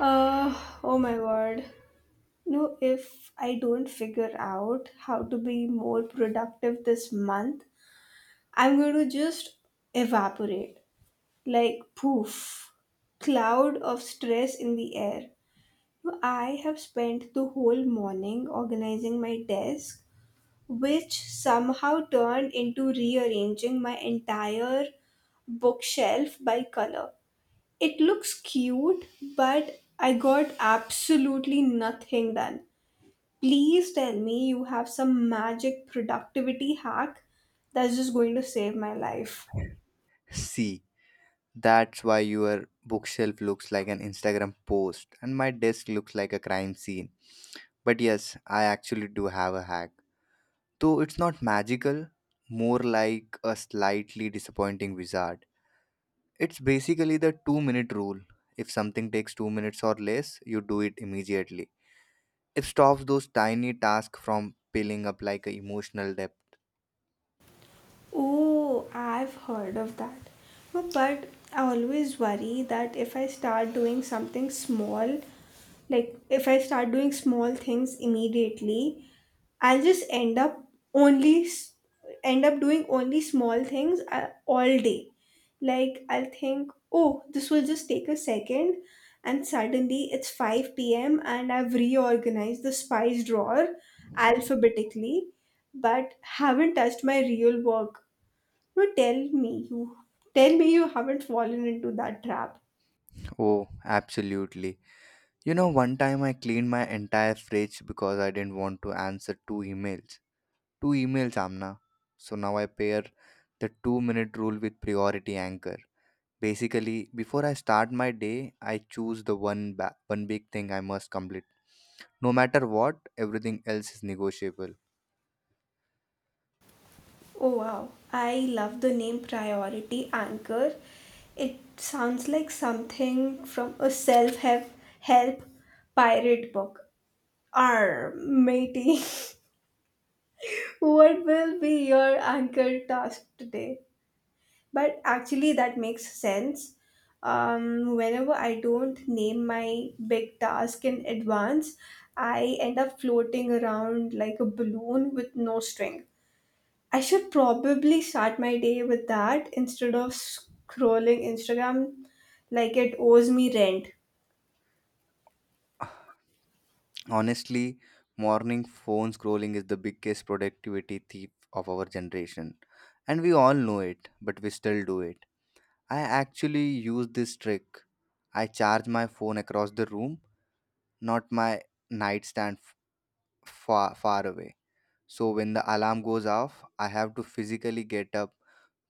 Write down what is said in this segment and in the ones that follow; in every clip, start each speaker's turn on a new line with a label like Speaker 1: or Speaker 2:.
Speaker 1: Uh, oh my word. No, if I don't figure out how to be more productive this month, I'm going to just evaporate. Like, poof. Cloud of stress in the air. No, I have spent the whole morning organizing my desk, which somehow turned into rearranging my entire bookshelf by color. It looks cute, but I got absolutely nothing done. Please tell me you have some magic productivity hack that's just going to save my life.
Speaker 2: See, that's why your bookshelf looks like an Instagram post and my desk looks like a crime scene. But yes, I actually do have a hack. Though it's not magical, more like a slightly disappointing wizard. It's basically the 2-minute rule. If something takes 2 minutes or less, you do it immediately. It stops those tiny tasks from piling up like an emotional debt.
Speaker 1: Oh, I've heard of that. No, but I always worry that if I start doing something small, like if I start doing small things immediately, I'll just end up only s- doing only small things all day. Like I'll think, oh, this will just take a second, and suddenly it's five p.m. and I've reorganized the spice drawer alphabetically, but haven't touched my real work. No, tell me you haven't fallen into that trap.
Speaker 2: Oh, absolutely. You know, one time I cleaned my entire fridge because I didn't want to answer two emails. Two emails, Amna. So now I pair the 2 minute rule with priority anchor. Basically, before I start my day, I choose one big thing I must complete. No matter what, everything else is negotiable.
Speaker 1: Oh wow, I love the name Priority Anchor. It sounds like something from a self help pirate book. Arr, matey. What will be your anchor task today? But actually, that makes sense. Whenever I don't name my big task in advance, I end up floating around like a balloon with no string. I should probably start my day with that instead of scrolling Instagram like it owes me rent.
Speaker 2: Honestly, morning phone scrolling is the biggest productivity thief of our generation. And we all know it, but we still do it. I actually use this trick. I charge my phone across the room, not my nightstand f- far, far away. So when the alarm goes off, I have to physically get up,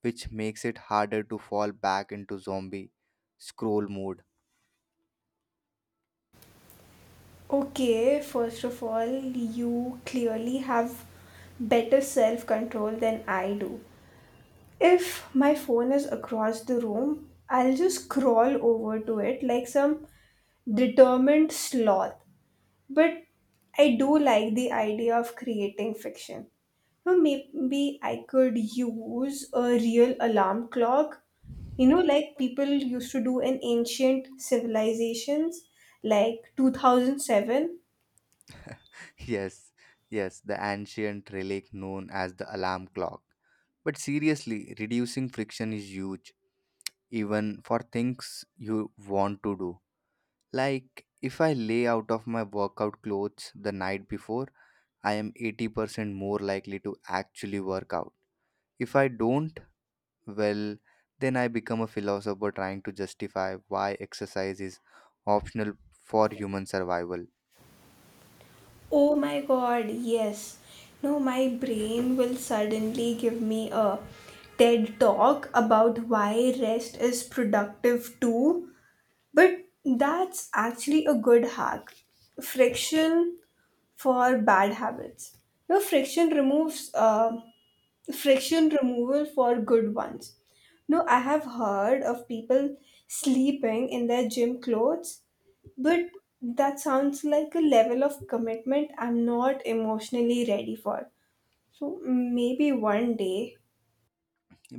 Speaker 2: which makes it harder to fall back into zombie scroll mode.
Speaker 1: Okay, first of all, you clearly have better self control than I do. If my phone is across the room, I'll just crawl over to it like some determined sloth. But I do like the idea of creating fiction. Now, maybe I could use a real alarm clock, like people used to do in ancient civilizations, like 2007.
Speaker 2: Yes, yes, the ancient relic known as the alarm clock. But seriously, reducing friction is huge, even for things you want to do. Like, if I lay out of my workout clothes the night before, I am 80% more likely to actually work out. If I don't, well, then I become a philosopher trying to justify why exercise is optional for human survival.
Speaker 1: Oh my god, yes. No, my brain will suddenly give me a TED talk about why rest is productive too. But that's actually a good hack. Friction for bad habits. No, friction removal for good ones. No, I have heard of people sleeping in their gym clothes, but that sounds like a level of commitment I'm not emotionally ready for. So maybe one day.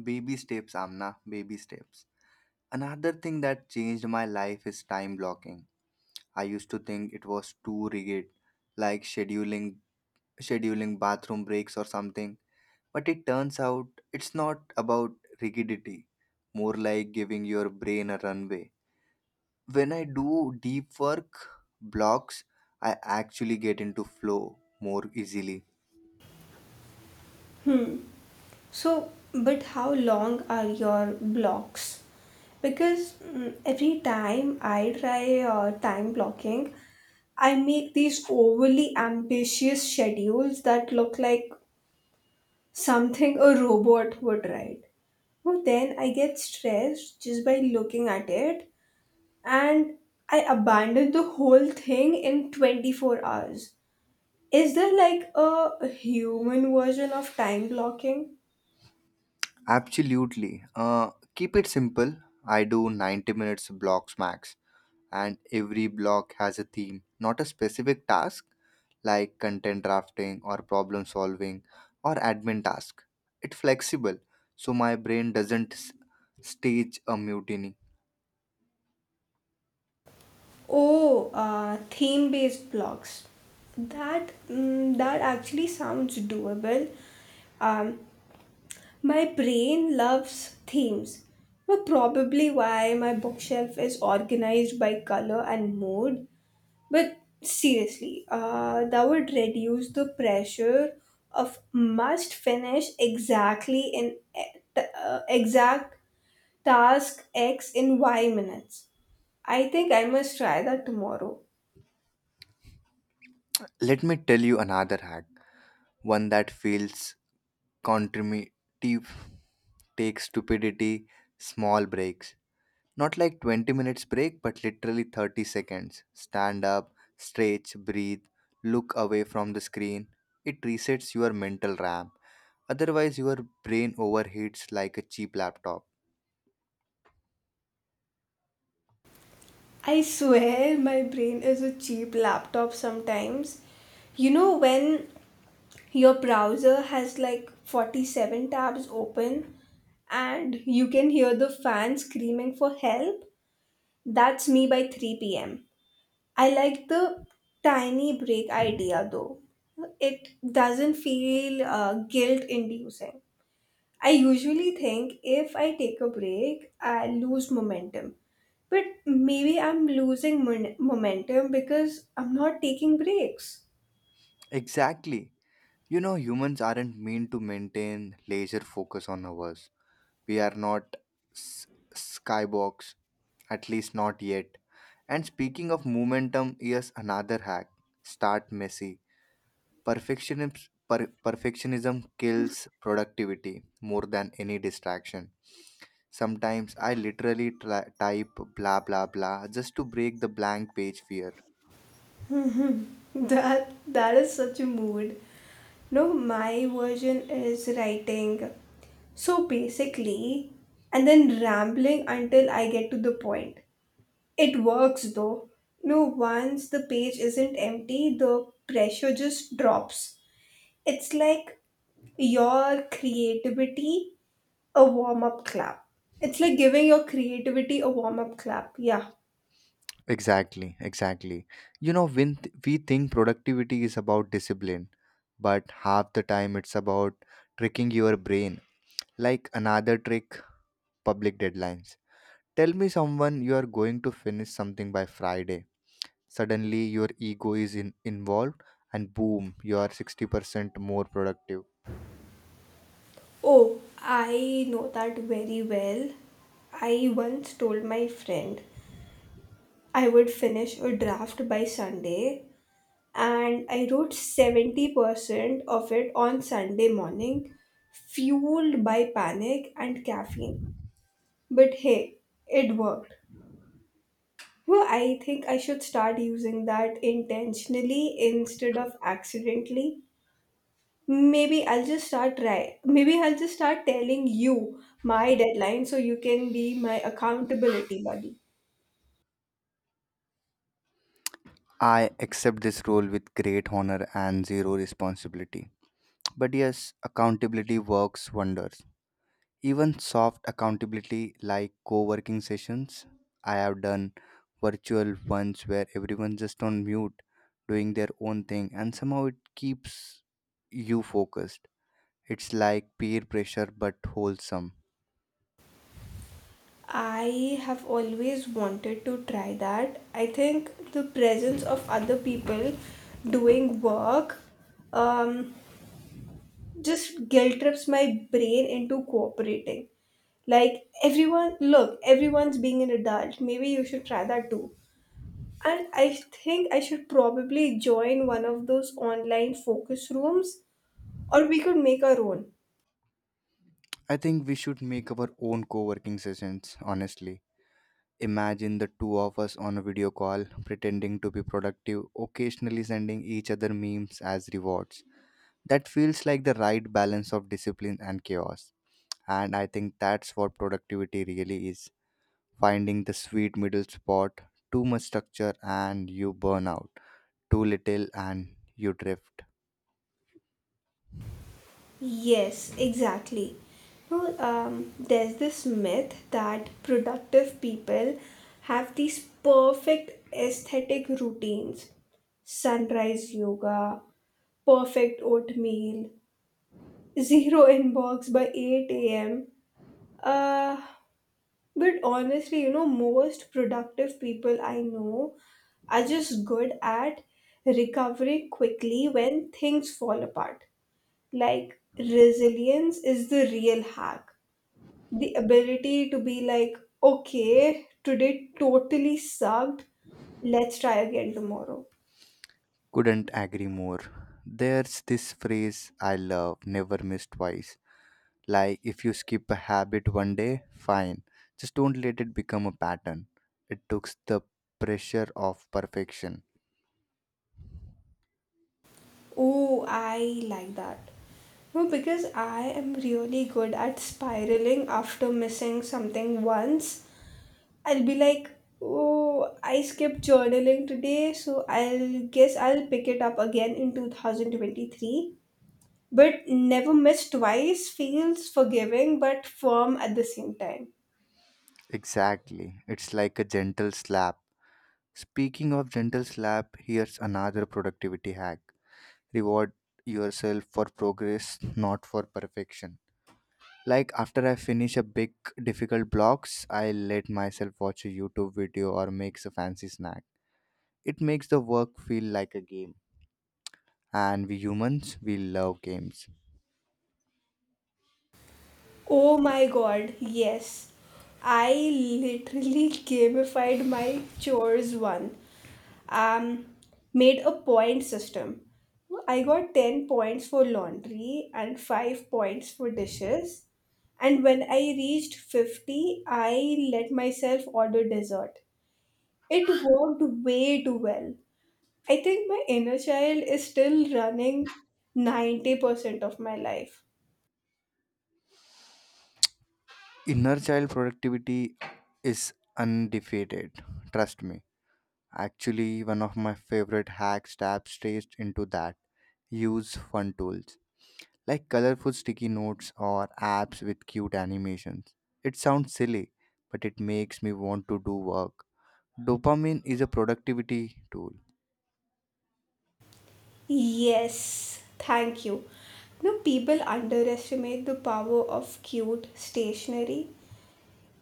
Speaker 2: Baby steps, Amna, baby steps. Another thing that changed my life is time blocking. I used to think it was too rigid, like scheduling bathroom breaks or something. But it turns out it's not about rigidity, more like giving your brain a runway. When I do deep work blocks, I actually get into flow more easily.
Speaker 1: So, but how long are your blocks? Because every time I try time blocking, I make these overly ambitious schedules that look like something a robot would write. But then I get stressed just by looking at it and I abandon the whole thing in 24 hours. Is there like a human version of time blocking?
Speaker 2: Absolutely. Keep it simple. I do 90 minutes blocks max, and every block has a theme, not a specific task like content drafting or problem solving or admin task. It's flexible, so my brain doesn't stage a mutiny.
Speaker 1: Oh, theme-based blogs. That actually sounds doable. Um, my brain loves themes, but probably why my bookshelf is organized by color and mood. But seriously, that would reduce the pressure of must finish exactly in exact task X in Y minutes. I think I must try that tomorrow.
Speaker 2: Let me tell you another hack, one that feels contributive, take stupidity, small breaks. Not like 20 minutes break, but literally 30 seconds. Stand up, stretch, breathe, look away from the screen. It resets your mental RAM. Otherwise, your brain overheats like a cheap laptop.
Speaker 1: I swear my brain is a cheap laptop sometimes. You know when your browser has like 47 tabs open and you can hear the fan screaming for help? That's me by 3 pm. I like the tiny break idea though. It doesn't feel guilt inducing. I usually think if I take a break, I lose momentum. But maybe I'm losing momentum because I'm not taking breaks.
Speaker 2: Exactly. You know, humans aren't meant to maintain laser focus on hours. We are not s- skybox, at least not yet. And speaking of momentum, here's another hack: start messy. Perfectionism, perfectionism kills productivity more than any distraction. Sometimes I literally type blah blah blah just to break the blank page fear.
Speaker 1: That is such a mood. No, my version is writing so basically and then rambling until I get to the point. It works though. No, once the page isn't empty, the pressure just drops. It's like your creativity a warm up clap. It's like giving your creativity a warm up clap. Yeah.
Speaker 2: Exactly, exactly. You know, we think productivity is about discipline, but half the time it's about tricking your brain. Like another trick, public deadlines. Tell me someone you are going to finish something by Friday. Suddenly, your ego is involved, and boom, you are 60% more productive.
Speaker 1: Oh, I know that very well. I once told my friend I would finish a draft by Sunday, and I wrote 70% of it on Sunday morning, fueled by panic and caffeine. But hey, it worked. Well, I think I should start using that intentionally instead of accidentally. Maybe I'll just start try. Maybe I'll just start telling you my deadline so you can be my accountability buddy.
Speaker 2: I accept this role with great honor and zero responsibility. But yes, accountability works wonders. Even soft accountability like co working sessions, I have done virtual ones where everyone's just on mute doing their own thing, and somehow it keeps you focused. It's like peer pressure but wholesome.
Speaker 1: I have always wanted to try that. I think the presence of other people doing work um just guilt trips my brain into cooperating. Like everyone, look, everyone's being an adult. Maybe you should try that too. And I think I should probably join one of those online focus rooms, or we could make our own.
Speaker 2: I think we should make our own co working sessions, honestly. Imagine the two of us on a video call, pretending to be productive, occasionally sending each other memes as rewards. That feels like the right balance of discipline and chaos. And I think that's what productivity really is: finding the sweet middle spot. Too much structure, and you burn out; too little and you drift.
Speaker 1: Yes, exactly. No, there's this myth that productive people have these perfect aesthetic routines: sunrise yoga, perfect oatmeal, zero inbox by 8 a.m. Uh, but honestly, most productive people I know are just good at recovering quickly when things fall apart. Like, resilience is the real hack. The ability to be like, okay, today totally sucked, let's try again tomorrow.
Speaker 2: Couldn't agree more. There's this phrase I love, never miss twice. Like if you skip a habit one day, fine. Just don't let it become a pattern. It takes the pressure off perfection.
Speaker 1: Oh, I like that. No, because I am really good at spiraling after missing something once. I'll be like, oh, I skipped journaling today, so I'll pick it up again in 2023. But never miss twice feels forgiving but firm at the same time.
Speaker 2: Exactly. It's like a gentle slap. Speaking of gentle slap, here's another productivity hack. Reward yourself for progress, not for perfection. Like after I finish a big difficult blocks, I let myself watch a YouTube video or makes a fancy snack. It makes the work feel like a game. And we humans, we love games.
Speaker 1: Oh my god, yes. I literally gamified my chores one. Um, Made a point system. I got 10 points for laundry and 5 points for dishes. And when I reached 50, I let myself order dessert. It worked way too well. I think my inner child is still running 90% of my life.
Speaker 2: Inner child productivity is undefeated, trust me. Actually, one of my favorite hacks taps straight into that: use fun tools like colorful sticky notes or apps with cute animations. It sounds silly, but it makes me want to do work. Dopamine is a productivity tool.
Speaker 1: Yes, thank you. No, people underestimate the power of cute stationery.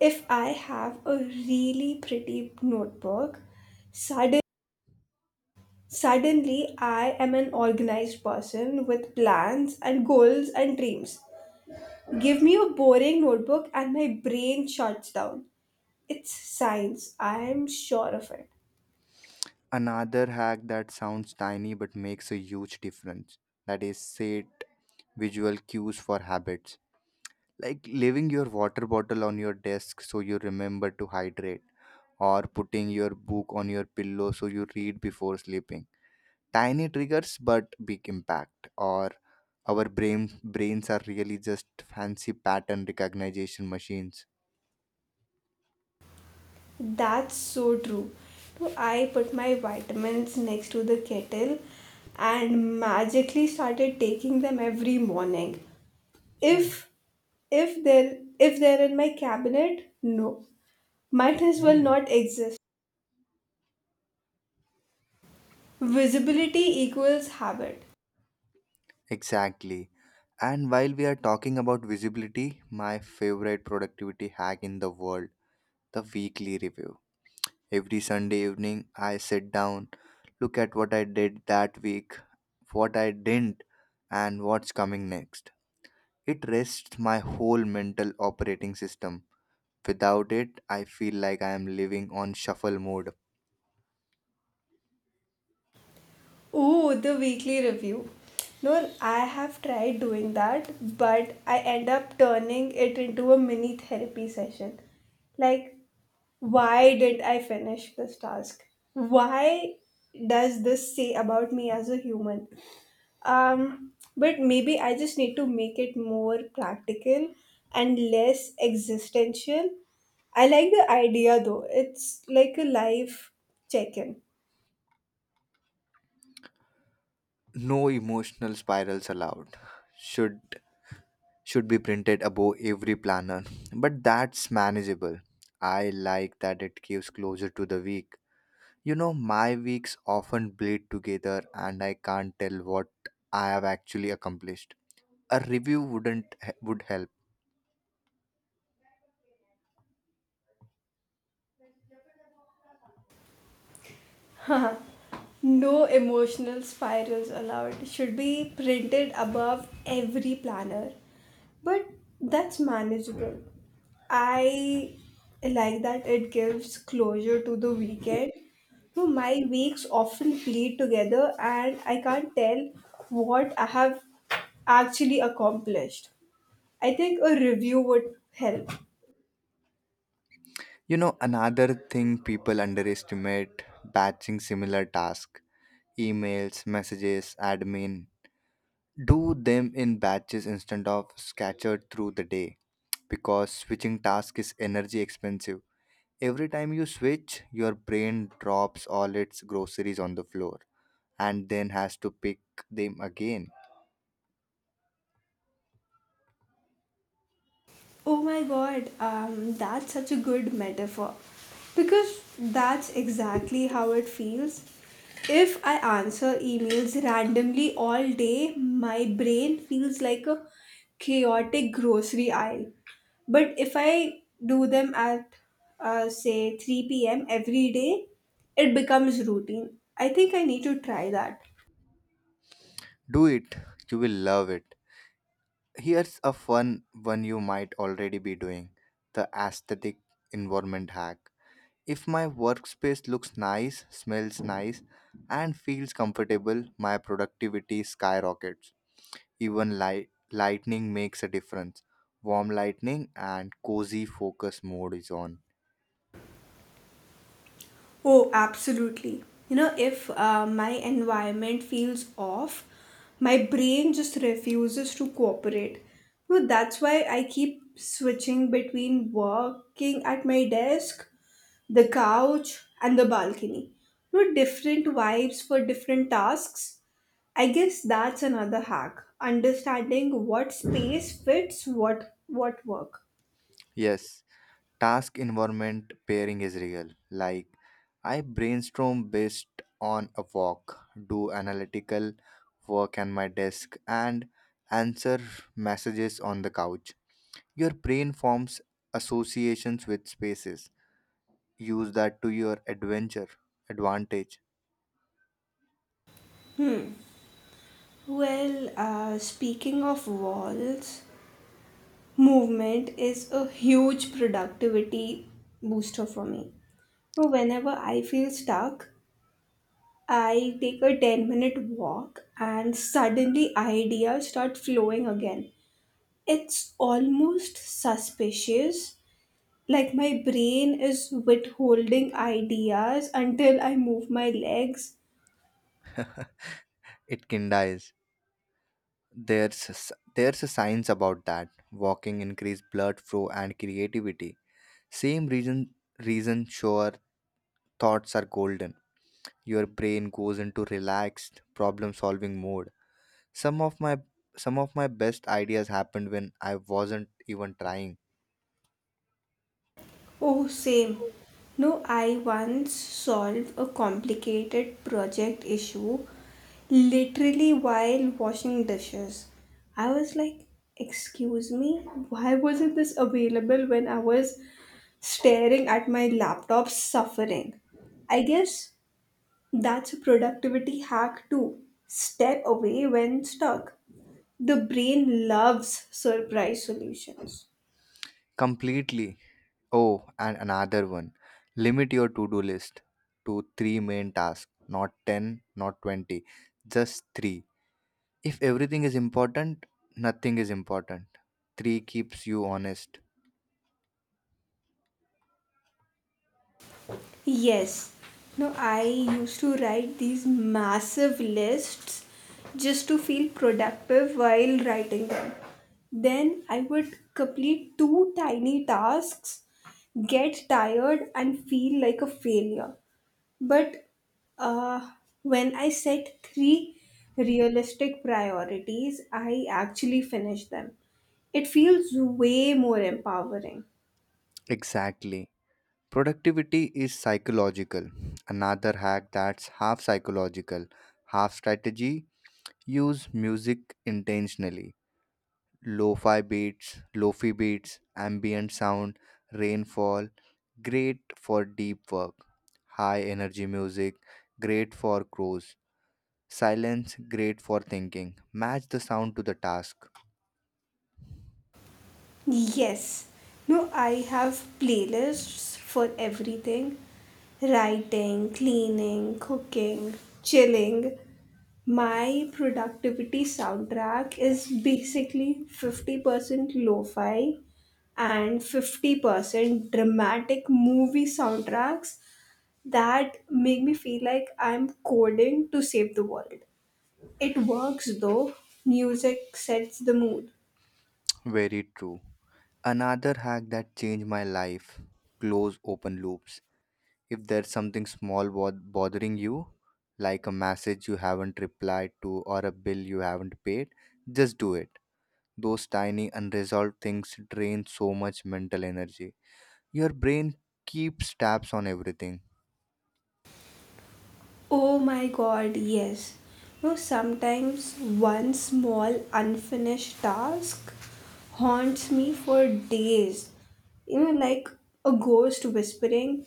Speaker 1: If I have a really pretty notebook, sudden, suddenly I am an organized person with plans and goals and dreams. Give me a boring notebook and my brain shuts down. It's science, I am sure of it.
Speaker 2: Another hack that sounds tiny but makes a huge difference, that is set visual cues for habits, like leaving your water bottle on your desk so you remember to hydrate, or putting your book on your pillow so you read before sleeping. Tiny triggers but big impact. Or our brains are really just fancy pattern recognition machines.
Speaker 1: That's so true. So I put my vitamins next to the kettle and magically started taking them every morning. If if they're in my cabinet, no. Might as well not exist. Visibility equals habit.
Speaker 2: Exactly. And while we are talking about visibility, my favorite productivity hack in the world, the weekly review. Every Sunday evening, I sit down, look at what I did that week, what I didn't, and what's coming next. It rests my whole mental operating system. Without it, I feel like I am living on shuffle mode.
Speaker 1: Ooh, the weekly review. No, I have tried doing that, but I end up turning it into a mini therapy session. Like, why didn't I finish this task? Why does this say about me as a human? But maybe I just need to make it more practical and less existential. I like the idea though. It's like a life check in.
Speaker 2: No emotional spirals allowed. Should should be printed above every planner, but that's manageable. I like that it gives closure to the week. You know, my weeks often bleed together and I can't tell what I have actually accomplished. A review wouldn't would help.
Speaker 1: No emotional spirals allowed should be printed above every planner. But that's manageable. I like that it gives closure to the weekend. So my weeks often bleed together and I can't tell what I have actually accomplished. I think a review would help.
Speaker 2: You know, another thing people underestimate, batching similar tasks. Emails, messages, admin. Do them in batches instead of scattered through the day, because switching task is energy expensive. Every time you switch, your brain drops all its groceries on the floor and then has to pick them again.
Speaker 1: Oh my god, that's such a good metaphor. Because that's exactly how it feels. If I answer emails randomly all day, my brain feels like a chaotic grocery aisle. But if I do them at, say, 3 p.m. every day, it becomes routine. I think I need to try that.
Speaker 2: Do it, you will love it. Here's a fun one you might already be doing, the aesthetic environment hack. If my workspace looks nice, smells nice, and feels comfortable, my productivity skyrockets. Even lightning makes a difference. Warm lightning and cozy focus mode is on.
Speaker 1: Oh, absolutely. You know, if my environment feels off, my brain just refuses to cooperate. So that's why I keep switching between working at my desk, the couch, and the balcony. So different vibes for different tasks. I guess that's another hack. Understanding what space fits what work.
Speaker 2: Yes, task environment pairing is real. Like, I brainstorm based on a walk, do analytical work on my desk, and answer messages on the couch. Your brain forms associations with spaces. Use that to your adventure advantage.
Speaker 1: Well, speaking of walls, movement is a huge productivity booster for me. So whenever I feel stuck, I take a 10-minute walk and suddenly ideas start flowing again. It's almost suspicious, like my brain is withholding ideas until I move my legs.
Speaker 2: It can dies. There's a science about that. Walking increase blood flow and creativity. Same reason thoughts are golden. Your brain goes into relaxed problem solving mode. Some of my some of my best ideas happened when I wasn't even trying.
Speaker 1: Oh, same. No, I once solved a complicated project issue literally while washing dishes. I was like, excuse me, why wasn't this available when I was staring at my laptop suffering? I guess that's a productivity hack too. Step away when stuck. The brain loves surprise solutions.
Speaker 2: Completely. Oh, and another one. Limit your to-do list to 3 main tasks, not 10, not 20, just 3. If everything is important, nothing is important. 3 keeps you honest.
Speaker 1: Yes. No, I used to write these massive lists just to feel productive while writing them. Then I would complete two tiny tasks, get tired, and feel like a failure. But uh, when I set three realistic priorities, I actually finished them. It feels way more empowering.
Speaker 2: Exactly. Productivity is psychological. Another hack that's half psychological, half strategy, use music intentionally. Lo-fi beats, ambient sound, rainfall, great for deep work. High energy music, great for chores. Silence, great for thinking. Match the sound to the task.
Speaker 1: Yes. No, I have playlists for everything: writing, cleaning, cooking, chilling. My productivity soundtrack is basically 50% lo fi and 50% dramatic movie soundtracks that make me feel like I'm coding to save the world. It works though, music sets the mood.
Speaker 2: Very true. Another hack that changed my life, close open loops. If there's something small bothering you, like a message you haven't replied to or a bill you haven't paid, just do it. Those tiny unresolved things drain so much mental energy. Your brain keeps tabs on everything.
Speaker 1: Oh my god, yes. No, sometimes one small unfinished task haunts me for days. You know, like a ghost whispering,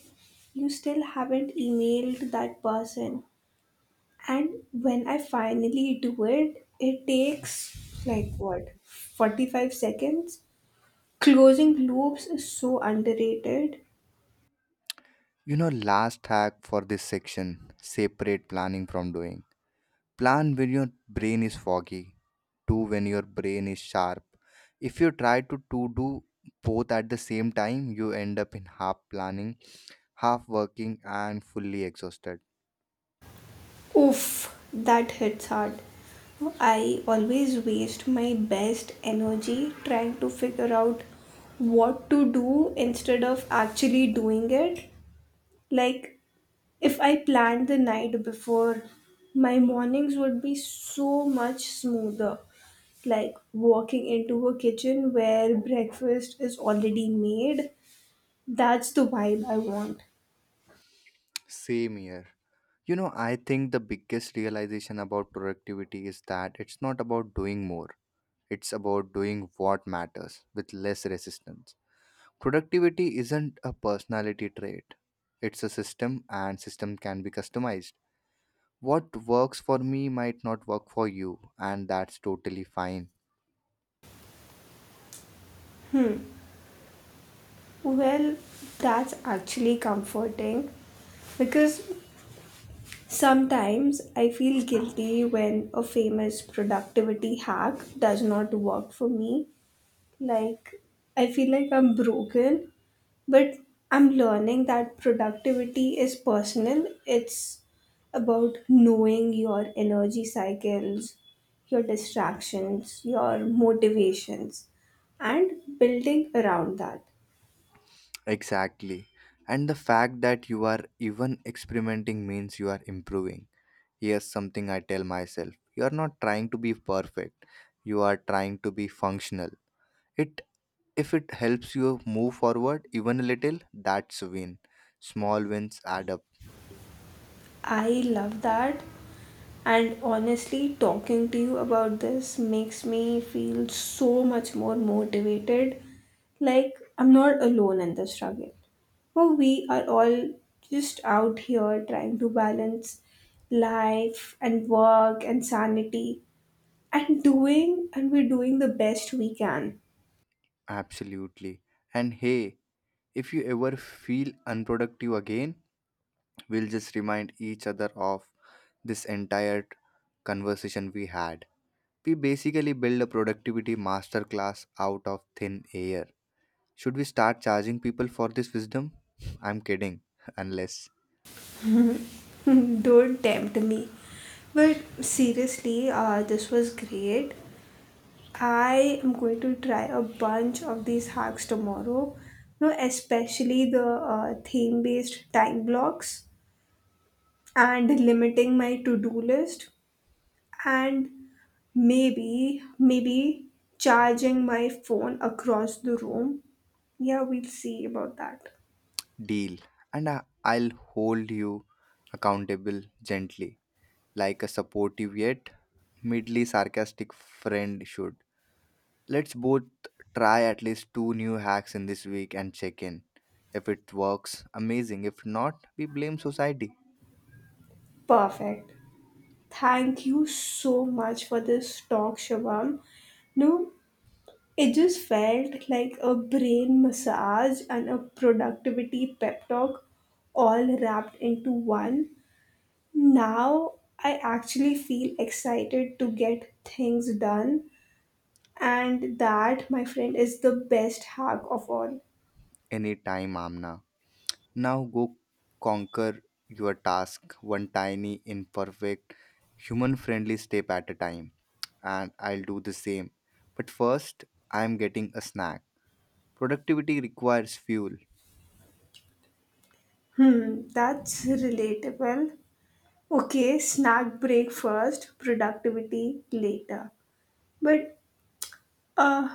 Speaker 1: you still haven't emailed that person. And when I finally do it, it takes like what, 45 seconds? Closing loops is so underrated.
Speaker 2: You know, last hack for this section, separate planning from doing. Plan when your brain is foggy, do when your brain is sharp. If you to do both at the same time, you end up in half planning, half working, and fully exhausted.
Speaker 1: Oof, that hits hard. I always waste my best energy trying to figure out what to do instead of actually doing it. Like, if I planned the night before, my mornings would be so much smoother. Like, walking into a kitchen where breakfast is already made, that's the vibe I want.
Speaker 2: Same here. You know, I think the biggest realization about productivity is that it's not about doing more, it's about doing what matters with less resistance. Productivity isn't a personality trait, it's a system, and system can be customized. What works for me might not work for you, and that's totally fine.
Speaker 1: Well, that's actually comforting because sometimes I feel guilty when a famous productivity hack does not work for me. Like, I feel like I'm broken, but I'm learning that productivity is personal. It's about knowing your energy cycles, your distractions, your motivations, and building around that.
Speaker 2: Exactly. And the fact that you are even experimenting means you are improving. Here's something I tell myself: you are not trying to be perfect, you are trying to be functional. It If it helps you move forward even a little, that's a win. Small wins add up.
Speaker 1: I love that. And honestly, talking to you about this makes me feel so much more motivated. Like I'm not alone in the struggle. Well, we are all just out here trying to balance life and work and sanity and doing, and we're doing the best we can.
Speaker 2: Absolutely. And hey, if you ever feel unproductive again, we'll just remind each other of this entire conversation we had. We basically build a productivity masterclass out of thin air. Should we start charging people for this wisdom? I'm kidding, unless.
Speaker 1: Don't tempt me. But seriously, this was great. I am going to try a bunch of these hacks tomorrow, especially the theme based time blocks and limiting my to do list and maybe charging my phone across the room. Yeah, we'll see about that.
Speaker 2: Deal. And I'll hold you accountable gently, like a supportive yet mildly sarcastic friend should. Let's both try at least two new hacks in this week and check in. If it works, amazing. If not, we blame society.
Speaker 1: Perfect. Thank you so much for this talk, Shivam. No, it just felt like a brain massage and a productivity pep talk all wrapped into one. Now I actually feel excited to get things done, and that, my friend, is the best hack of all.
Speaker 2: Anytime, Amna. Now go conquer your task one tiny, imperfect, human friendly step at a time. And I'll do the same. But first, I'm getting a snack. Productivity requires fuel.
Speaker 1: Hmm, that's relatable. Okay, snack break first, productivity later. But, uh,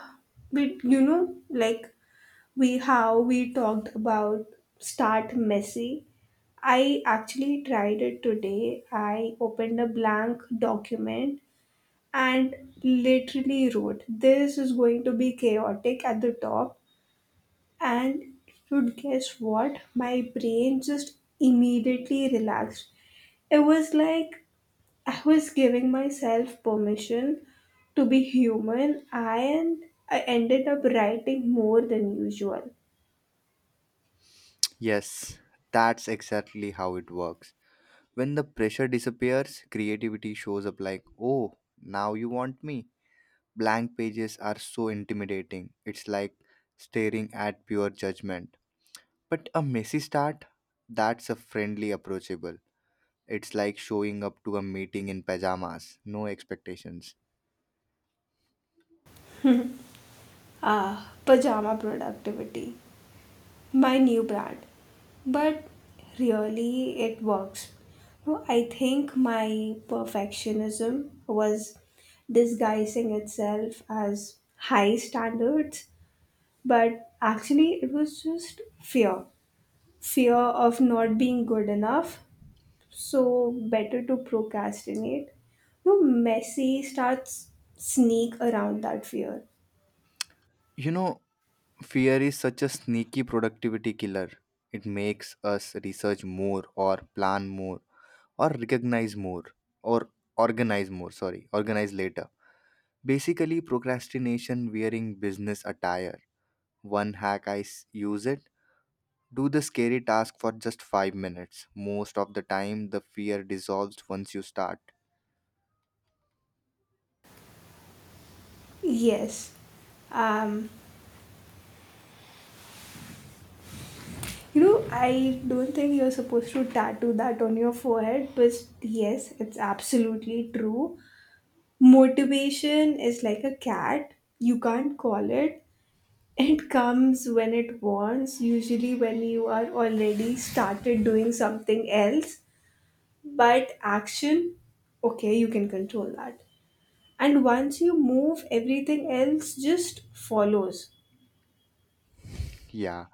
Speaker 1: but, you know, like we how we talked about start messy, I actually tried it today. I opened a blank document and literally wrote, "this is going to be chaotic" at the top, and should guess what, my brain just immediately relaxed. It was like I was giving myself permission to be human, and I ended up writing more than usual.
Speaker 2: Yes, that's exactly how it works. When the pressure disappears, creativity shows up like, oh, now you want me. Blank pages are so intimidating. It's like staring at pure judgment. But a messy start, that's a friendly approachable. It's like showing up to a meeting in pajamas, no expectations.
Speaker 1: Ah, pajama productivity, my new brand. But really, it works. No, I think my perfectionism was disguising itself as high standards, but actually, it was just fear of not being good enough. So, better to procrastinate. No, Messi starts sneak around that fear.
Speaker 2: You know, fear is such a sneaky productivity killer. It makes us research more or plan more or recognize more or organize more, sorry, organize later, basically procrastination wearing business attire. One hack I use it, do the scary task for just 5 minutes. Most of the time the fear dissolves once you start.
Speaker 1: Yes. Um, You know, I don't think you're supposed to tattoo that on your forehead, but yes, it's absolutely true. Motivation is like a cat, you can't call it. It comes when it wants, usually when you are already started doing something else. But action, okay, you can control that. And once you move, everything else just follows.
Speaker 2: Yeah,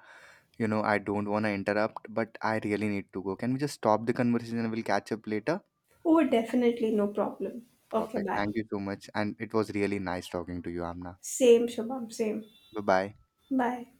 Speaker 2: you know, I don't want to interrupt but I really need to go. Can we just stop the conversation and we'll catch up later?
Speaker 1: Oh, definitely, no problem. Okay,
Speaker 2: Perfect,
Speaker 1: bye.
Speaker 2: thank you so much, and it was really nice talking to you, Amna.
Speaker 1: Same, Shabam, same.
Speaker 2: Bye bye.
Speaker 1: Bye.